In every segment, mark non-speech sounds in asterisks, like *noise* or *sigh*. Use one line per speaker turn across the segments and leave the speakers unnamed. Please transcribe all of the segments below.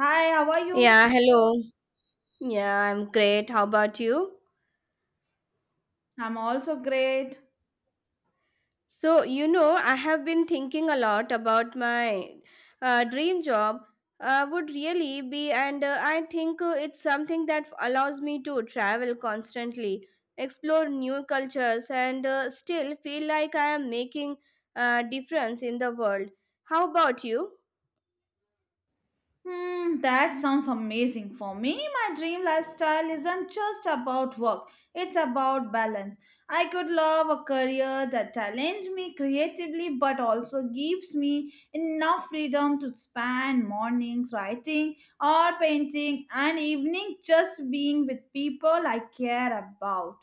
Hi, how are you?
Yeah, hello. Yeah, I'm great. How about you?
I'm also great.
So, I have been thinking a lot about my dream job. Would really be, and I think it's something that allows me to travel constantly, explore new cultures, and still feel like I am making a difference in the world. How about you?
Hmm, that sounds amazing. For me, my dream lifestyle isn't just about work, it's about balance. I could love a career that challenges me creatively but also gives me enough freedom to spend mornings writing or painting and evening just being with people I care about.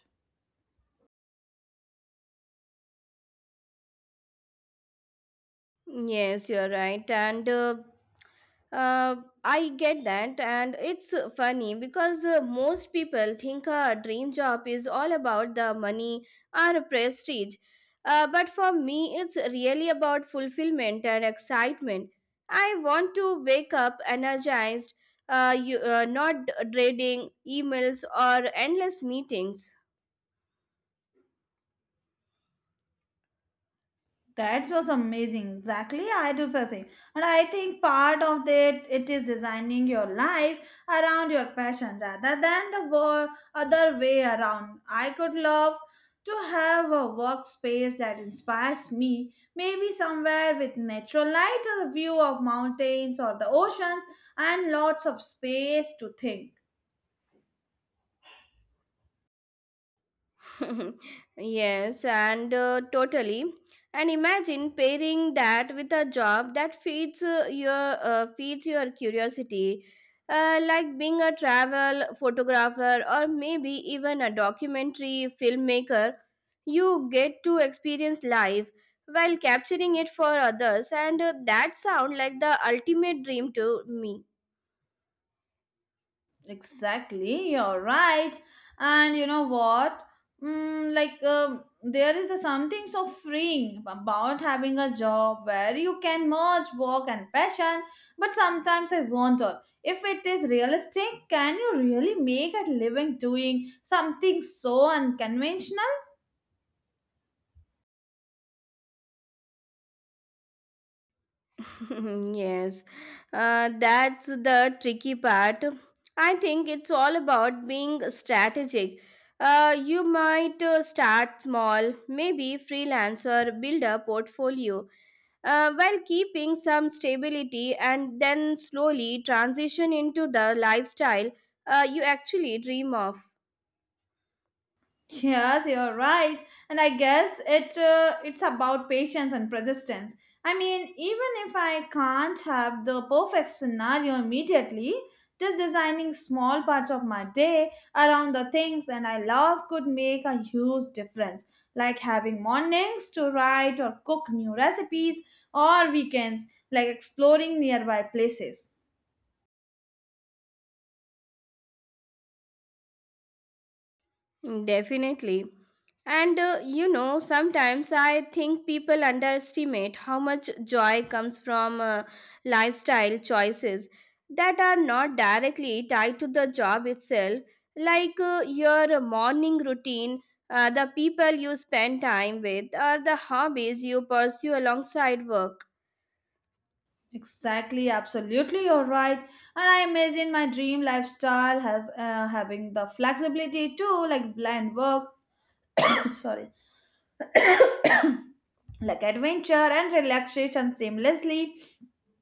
Yes, you're right. And Uh, I get that, and it's funny because most people think a dream job is all about the money or prestige. But for me, it's really about fulfillment and excitement. I want to wake up energized, not dreading emails or endless meetings.
That was amazing. Exactly, I do the same. And I think part of it is designing your life around your passion rather than the other way around. I could love to have a workspace that inspires me, maybe somewhere with natural light, a view of mountains or the oceans, and lots of space to think.
*laughs* Yes, and totally. And imagine pairing that with a job that feeds your curiosity, like being a travel photographer or maybe even a documentary filmmaker. You get to experience life while capturing it for others, and that sound like the ultimate dream to me.
Exactly, you're right. And you know what? There is the something so freeing about having a job where you can merge work and passion. But sometimes I wonder if it is realistic. Can you really make a living doing something so unconventional?
*laughs* Yes, that's the tricky part. I think it's all about being strategic. You might start small, maybe freelancer, build a portfolio while keeping some stability and then slowly transition into the lifestyle you actually dream of.
Yes, you're right. And I guess it's about patience and persistence. I mean, even if I can't have the perfect scenario immediately, just designing small parts of my day around the things and I love could make a huge difference. Like having mornings to write or cook new recipes or weekends like exploring nearby places.
Definitely. And sometimes I think people underestimate how much joy comes from lifestyle choices that are not directly tied to the job itself, like your morning routine, the people you spend time with, or the hobbies you pursue alongside work.
Exactly, absolutely, you're right. And I imagine my dream lifestyle has having the flexibility too, like blend work, *coughs* sorry, like adventure and relaxation seamlessly.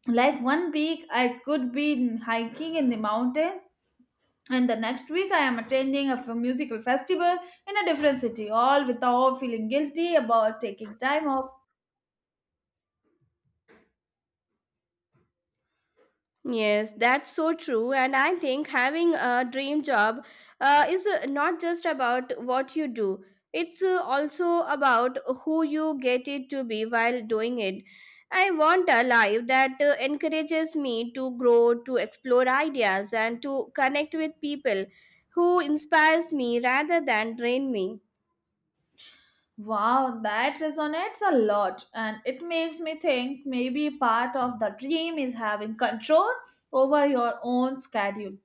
Like one week I could be hiking in the mountain, and the next week I am attending a musical festival in a different city, all without feeling guilty about taking time off.
Yes, that's so true. And I think having a dream job is not just about what you do, it's also about who you get it to be while doing it. I want a life that encourages me to grow, to explore ideas, and to connect with people who inspires me rather than drain me.
Wow, that resonates a lot, and it makes me think maybe part of the dream is having control over your own schedule.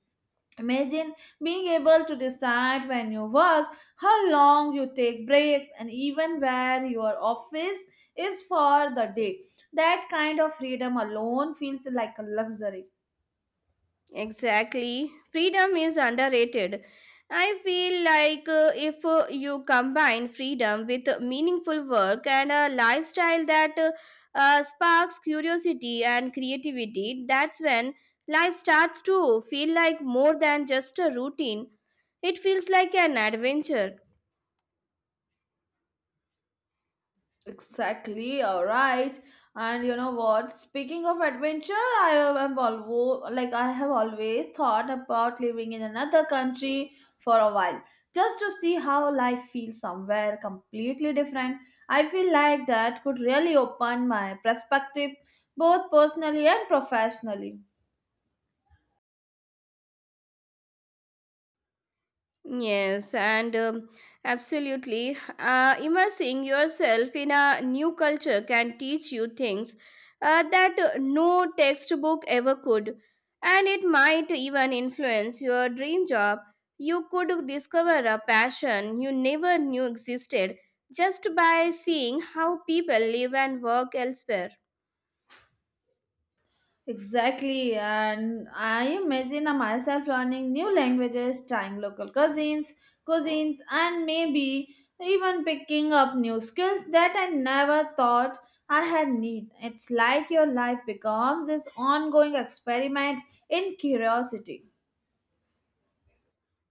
Imagine being able to decide when you work, how long you take breaks, and even where your office is for the day. That kind of freedom alone feels like a luxury.
Exactly. Freedom is underrated. I feel like if you combine freedom with meaningful work and a lifestyle that sparks curiosity and creativity, that's when life starts to feel like more than just a routine. It feels like an adventure.
Exactly, all right. And you know what? Speaking of adventure, I have always thought about living in another country for a while, just to see how life feels somewhere completely different. I feel like that could really open my perspective, both personally and professionally.
Yes, and absolutely. Immersing yourself in a new culture can teach you things that no textbook ever could, and it might even influence your dream job. You could discover a passion you never knew existed just by seeing how people live and work elsewhere.
Exactly, and I imagine myself learning new languages, trying local cuisines, and maybe even picking up new skills that I never thought I had need. It's like your life becomes this ongoing experiment in curiosity.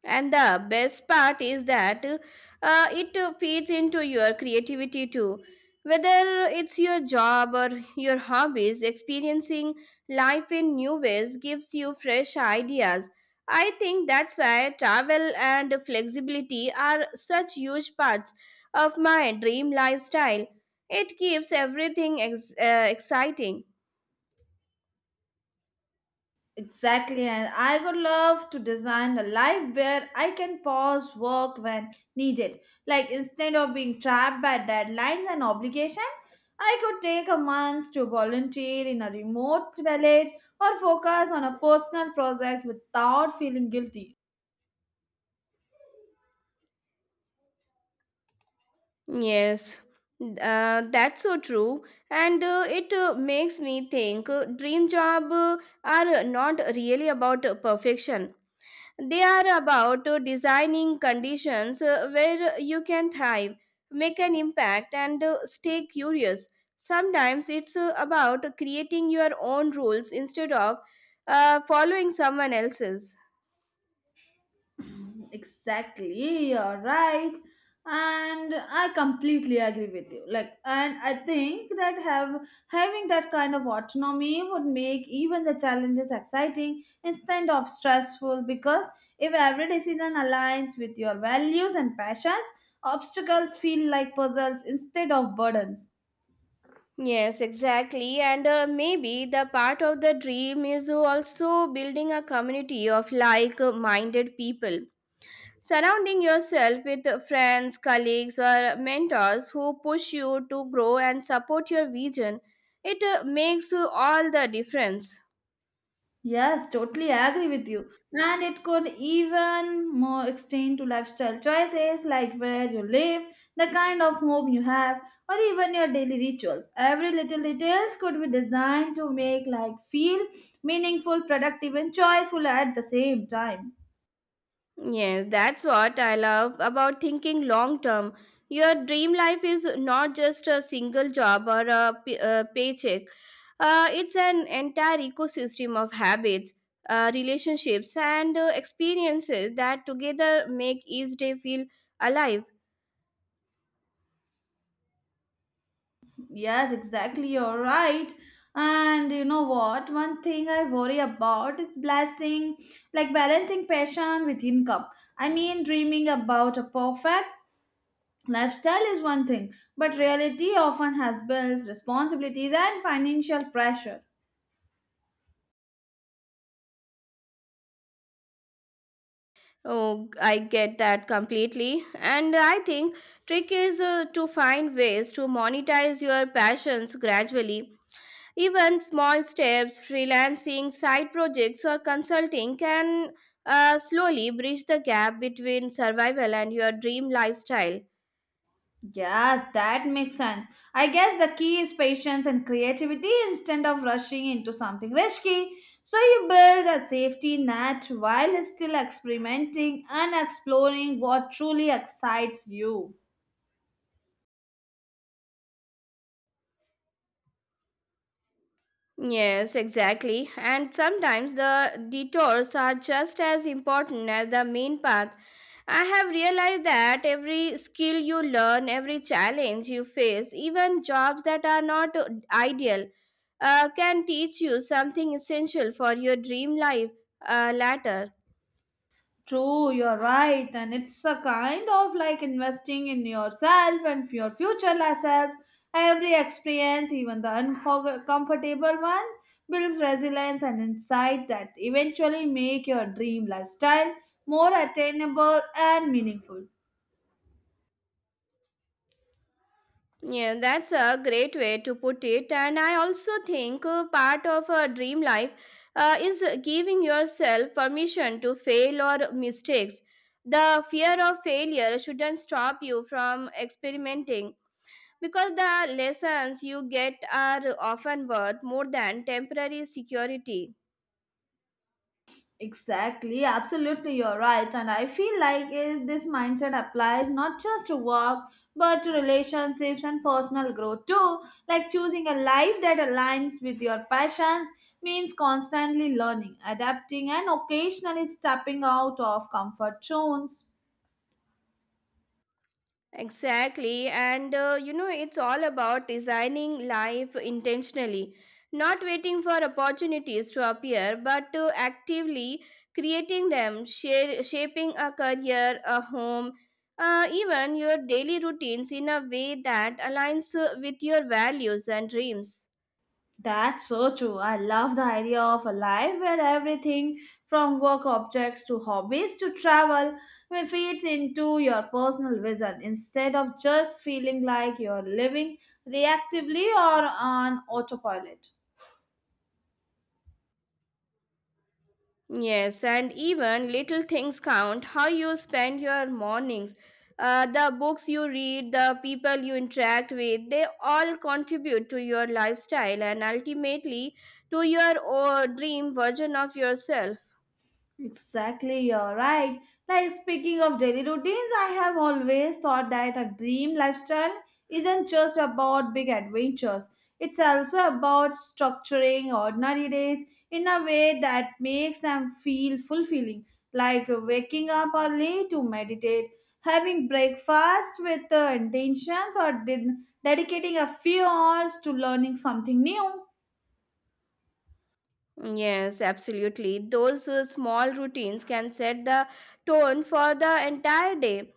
And the best part is that it feeds into your creativity too. Whether it's your job or your hobbies, experiencing life in new ways gives you fresh ideas. I think that's why travel and flexibility are such huge parts of my dream lifestyle. It keeps everything exciting.
Exactly, and I would love to design a life where I can pause work when needed. Like instead of being trapped by deadlines and obligation, I could take a month to volunteer in a remote village or focus on a personal project without feeling guilty.
Yes, that's so true. And it makes me think dream job are not really about perfection. They are about designing conditions where you can thrive, make an impact, and stay curious. Sometimes it's about creating your own rules instead of following someone else's.
*clears throat* Exactly, you're right. And I completely agree with you. Like, and I think that have having that kind of autonomy would make even the challenges exciting instead of stressful. Because if every decision aligns with your values and passions, obstacles feel like puzzles instead of burdens.
Yes, exactly. And maybe the part of the dream is also building a community of like minded people. Surrounding yourself with friends, colleagues, or mentors who push you to grow and support your vision, it makes all the difference.
Yes, totally agree with you. And it could even more extend to lifestyle choices like where you live, the kind of home you have, or even your daily rituals. Every little details could be designed to make life feel meaningful, productive, and joyful at the same time.
Yes, that's what I love about thinking long term. Your dream life is not just a single job or a paycheck. It's an entire ecosystem of habits, relationships, and experiences that together make each day feel alive.
Yes, exactly. You're right. And you know what? One thing I worry about is blessing, like balancing passion with income. I mean, dreaming about a perfect lifestyle is one thing, but reality often has bills, responsibilities, and financial pressure.
Oh, I get that completely. And I think trick is to find ways to monetize your passions gradually. Even small steps, freelancing, side projects, or consulting can slowly bridge the gap between survival and your dream lifestyle.
Yes, that makes sense. I guess the key is patience and creativity instead of rushing into something risky. So you build a safety net while still experimenting and exploring what truly excites you.
Yes, exactly. And sometimes the detours are just as important as the main path. I have realized that every skill you learn, every challenge you face, even jobs that are not ideal, can teach you something essential for your dream life later.
True, you're right. And it's a kind of like investing in yourself and your future self. Every experience, even the uncomfortable ones, builds resilience and insight that eventually make your dream lifestyle more attainable and meaningful.
Yeah, that's a great way to put it. And I also think part of a dream life is giving yourself permission to fail or mistakes. The fear of failure shouldn't stop you from experimenting because the lessons you get are often worth more than temporary security.
Exactly, absolutely, you're right. And I feel like this mindset applies not just to work but to relationships and personal growth too. Like choosing a life that aligns with your passions means constantly learning, adapting, and occasionally stepping out of comfort zones.
Exactly. And it's all about designing life intentionally, not waiting for opportunities to appear, but to actively creating them, shaping a career, a home, even your daily routines in a way that aligns with your values and dreams.
That's so true. I love the idea of a life where everything from work objects to hobbies to travel will fits into your personal vision instead of just feeling like you're living reactively or on autopilot.
Yes, and even little things count. How you spend your mornings, the books you read, the people you interact with, they all contribute to your lifestyle and ultimately to your dream version of yourself.
Exactly, you're right. Like speaking of daily routines, I have always thought that a dream lifestyle isn't just about big adventures. It's also about structuring ordinary days in a way that makes them feel fulfilling, like waking up early to meditate, having breakfast with the intentions, or dedicating a few hours to learning something new.
Yes, absolutely. Those small routines can set the tone for the entire day.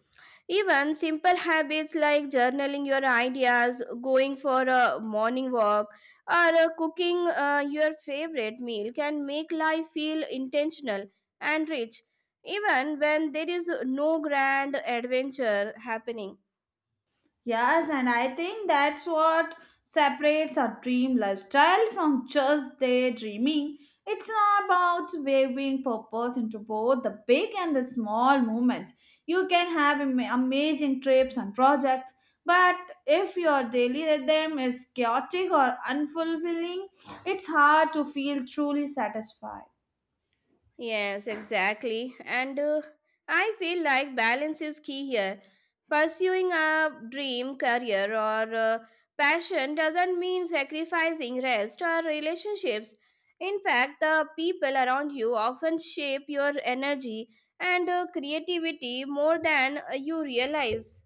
Even simple habits like journaling your ideas, going for a morning walk, or cooking your favorite meal can make life feel intentional and rich, even when there is no grand adventure happening.
Yes, and I think that's what separates a dream lifestyle from just daydreaming. It's about weaving purpose into both the big and the small moments. You can have amazing trips and projects, but if your daily rhythm is chaotic or unfulfilling, it's hard to feel truly satisfied.
Yes, exactly. And I feel like balance is key here. Pursuing a dream career or passion doesn't mean sacrificing rest or relationships. In fact, the people around you often shape your energy and creativity more than you realize.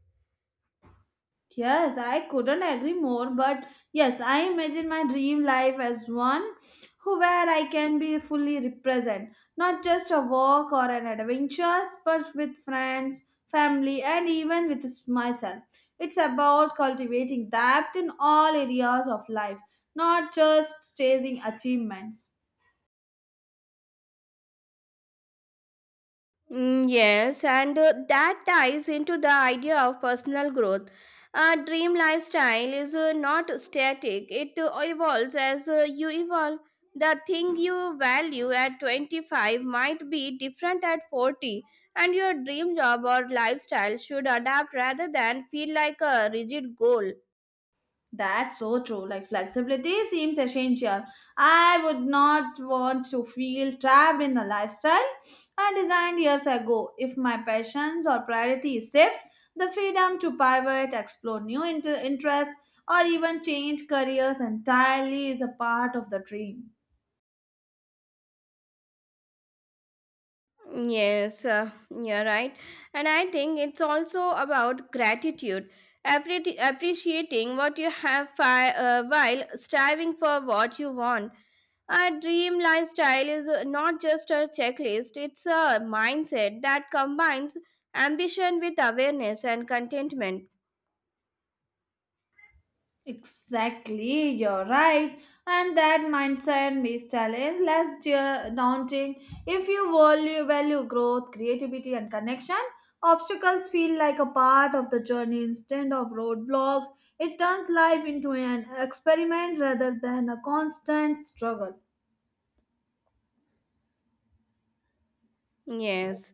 Yes, I couldn't agree more, but yes, I imagine my dream life as one who where I can be fully represent, not just a walk or an adventure, but with friends, family, and even with myself. It's about cultivating depth in all areas of life, not just chasing achievements.
Mm, yes, and that ties into the idea of personal growth. A dream lifestyle is not static, it evolves as you evolve. The thing you value at 25 might be different at 40, and your dream job or lifestyle should adapt rather than feel like a rigid goal.
That's so true. Like flexibility seems essential. I would not want to feel trapped in a lifestyle I designed years ago. If my passions or priorities shift, the freedom to pivot, explore new interests, or even change careers entirely is a part of the dream.
Yes, you're right. And I think it's also about gratitude, appreciating what you have while striving for what you want. A dream lifestyle is not just a checklist, it's a mindset that combines ambition with awareness and contentment.
Exactly, you're right. And that mindset makes challenge less daunting. If you value growth, creativity, and connection, obstacles feel like a part of the journey instead of roadblocks. It turns life into an experiment rather than a constant struggle.
Yes.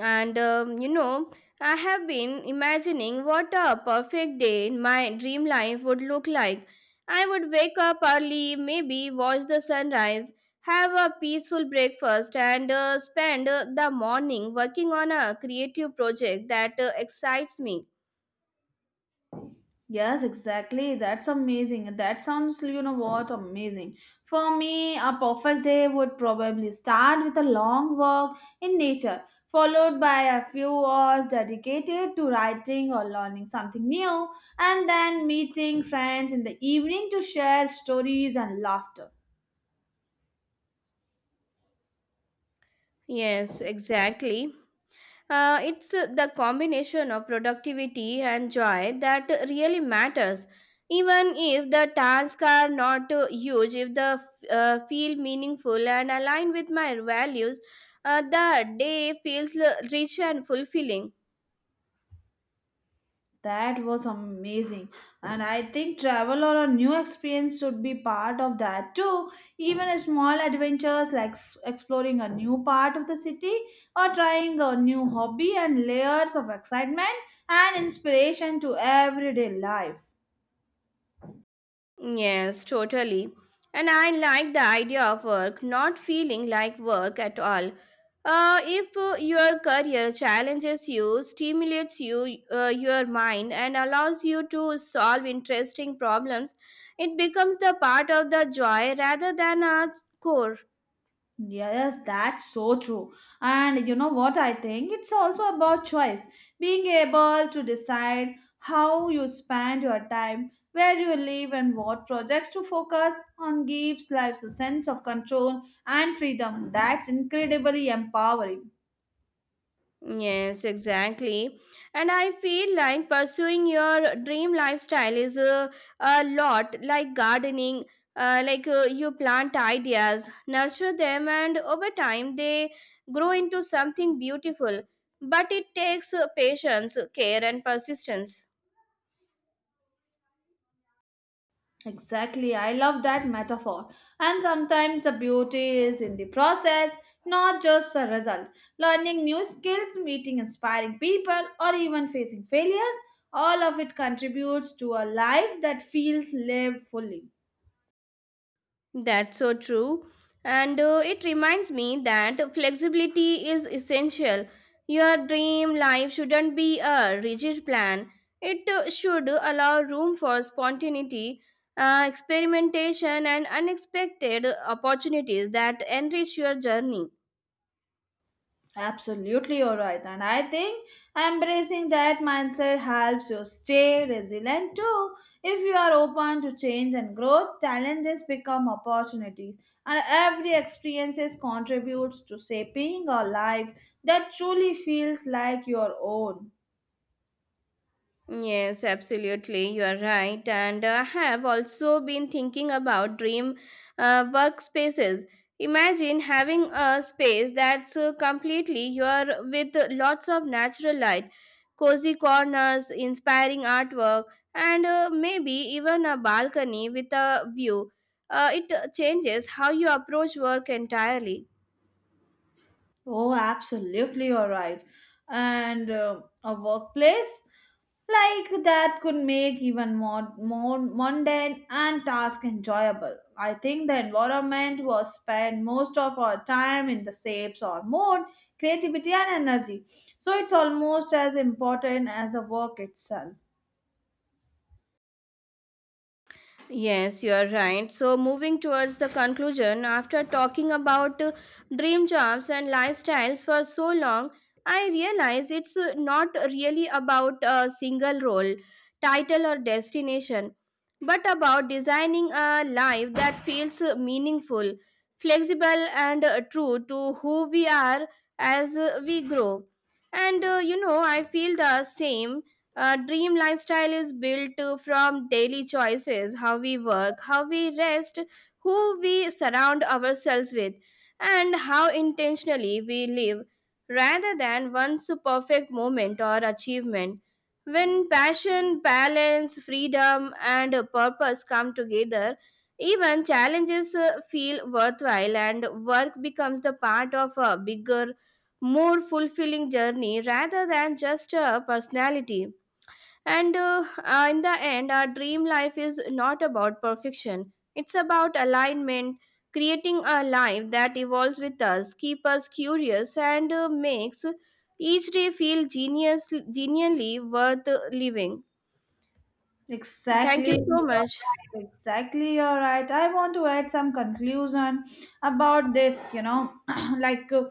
And I have been imagining what a perfect day in my dream life would look like. I would wake up early, maybe watch the sunrise, have a peaceful breakfast, and spend the morning working on a creative project that excites me.
Yes, exactly. That's amazing. That sounds, you know what, amazing. For me, a perfect day would probably start with a long walk in nature, followed by a few hours dedicated to writing or learning something new, and then meeting friends in the evening to share stories and laughter.
Yes, exactly. It's the combination of productivity and joy that really matters. Even if the tasks are not huge, if the feel meaningful and align with my values, the day feels rich and fulfilling.
That was amazing. And I think travel or a new experience should be part of that too. Even a small adventures like exploring a new part of the city or trying a new hobby and layers of excitement and inspiration to everyday life.
Yes, totally. And I like the idea of work not feeling like work at all. If your career challenges you, stimulates you, your mind, and allows you to solve interesting problems, it becomes the part of the joy rather than a core.
Yes, that's so true. And you know what I think? It's also about choice. Being able to decide how you spend your time, where you live, and what projects to focus on gives life a sense of control and freedom that's incredibly empowering.
Yes, exactly. And I feel like pursuing your dream lifestyle is a lot like gardening. Like you plant ideas, nurture them, and over time they grow into something beautiful. But it takes patience, care, and persistence.
Exactly, I love that metaphor. And sometimes the beauty is in the process, not just the result. Learning new skills, meeting inspiring people, or even facing failures, all of it contributes to a life that feels lived fully.
That's so true. And it reminds me that flexibility is essential. Your dream life shouldn't be a rigid plan, it should allow room for spontaneity, experimentation, and unexpected opportunities that enrich your journey.
Absolutely, you're right. And I think embracing that mindset helps you stay resilient too. If you are open to change and growth, challenges become opportunities. And every experiences contributes to shaping a life that truly feels like your own.
Yes, absolutely. You are right. And I have also been thinking about dream workspaces. Imagine having a space that's completely your with lots of natural light, cozy corners, inspiring artwork, and maybe even a balcony with a view. It changes how you approach work entirely.
Oh, absolutely, you're right. And a workplace like that could make even more mundane and task enjoyable. I think the environment was spend most of our time in the shapes or mode, creativity and energy. So it's almost as important as the work itself.
Yes, you are right. So, moving towards the conclusion, after talking about dream jobs and lifestyles for so long, I realize it's not really about a single role, title, or destination, but about designing a life that feels meaningful, flexible, and true to who we are as we grow. And I feel the same dream lifestyle is built from daily choices, how we work, how we rest, who we surround ourselves with, and how intentionally we live, rather than one's perfect moment or achievement. When passion, balance, freedom, and purpose come together, even challenges feel worthwhile, and work becomes the part of a bigger, more fulfilling journey rather than just a personality. And in the end, our dream life is not about perfection. It's about alignment, creating a life that evolves with us, keeps us curious, and makes each day feel genially worth living. Thank
Exactly.
you
you're
so much.
right, Exactly, you're right. I want to add some conclusion about this, you know, *clears throat* like. uh,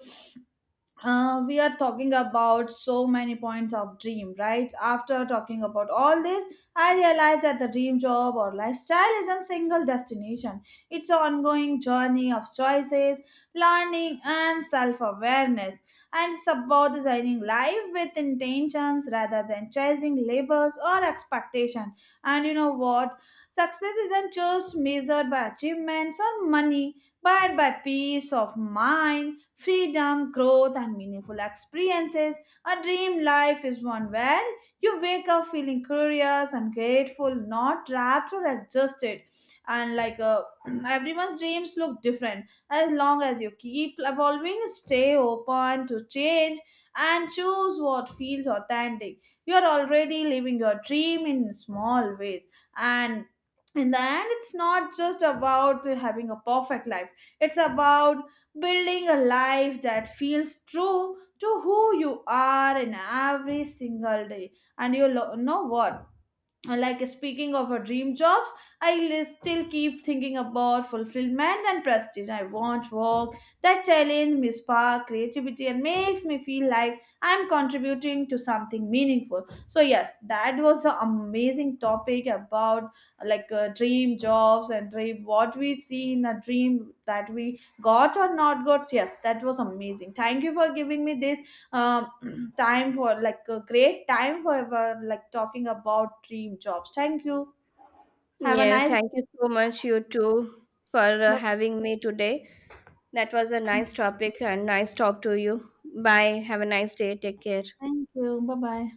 we are talking about so many points of dream right after talking about all this, I realized that the dream job or lifestyle isn't single destination, it's an ongoing journey of choices, learning and self-awareness, and it's about designing life with intentions rather than chasing labels or expectation. And you know what, success isn't just measured by achievements or money but by peace of mind, freedom, growth, and meaningful experiences. A dream life is one where you wake up feeling curious and grateful, not trapped or adjusted. And *clears throat* everyone's dreams look different. As long as you keep evolving, stay open to change, and choose what feels authentic. You're already living your dream in small ways. And in the end, it's not just about having a perfect life, it's about building a life that feels true to who you are in every single day. And you know what? Like speaking of a dream jobs, I still keep thinking about fulfillment and prestige. I want work that challenge me, spark creativity, and makes me feel like I'm contributing to something meaningful. So yes, that was the amazing topic about dream jobs and dream what we see in a dream that we got or not got. Yes, that was amazing, thank you for giving me this um *clears throat* time for like a great time like talking about dream jobs. Thank you, have a
Yes,
nice
thank you so much, you too, for
bye.
having me today. That was a nice topic and nice talk to you. Bye. Have a nice day. Take care.
Thank you, bye bye.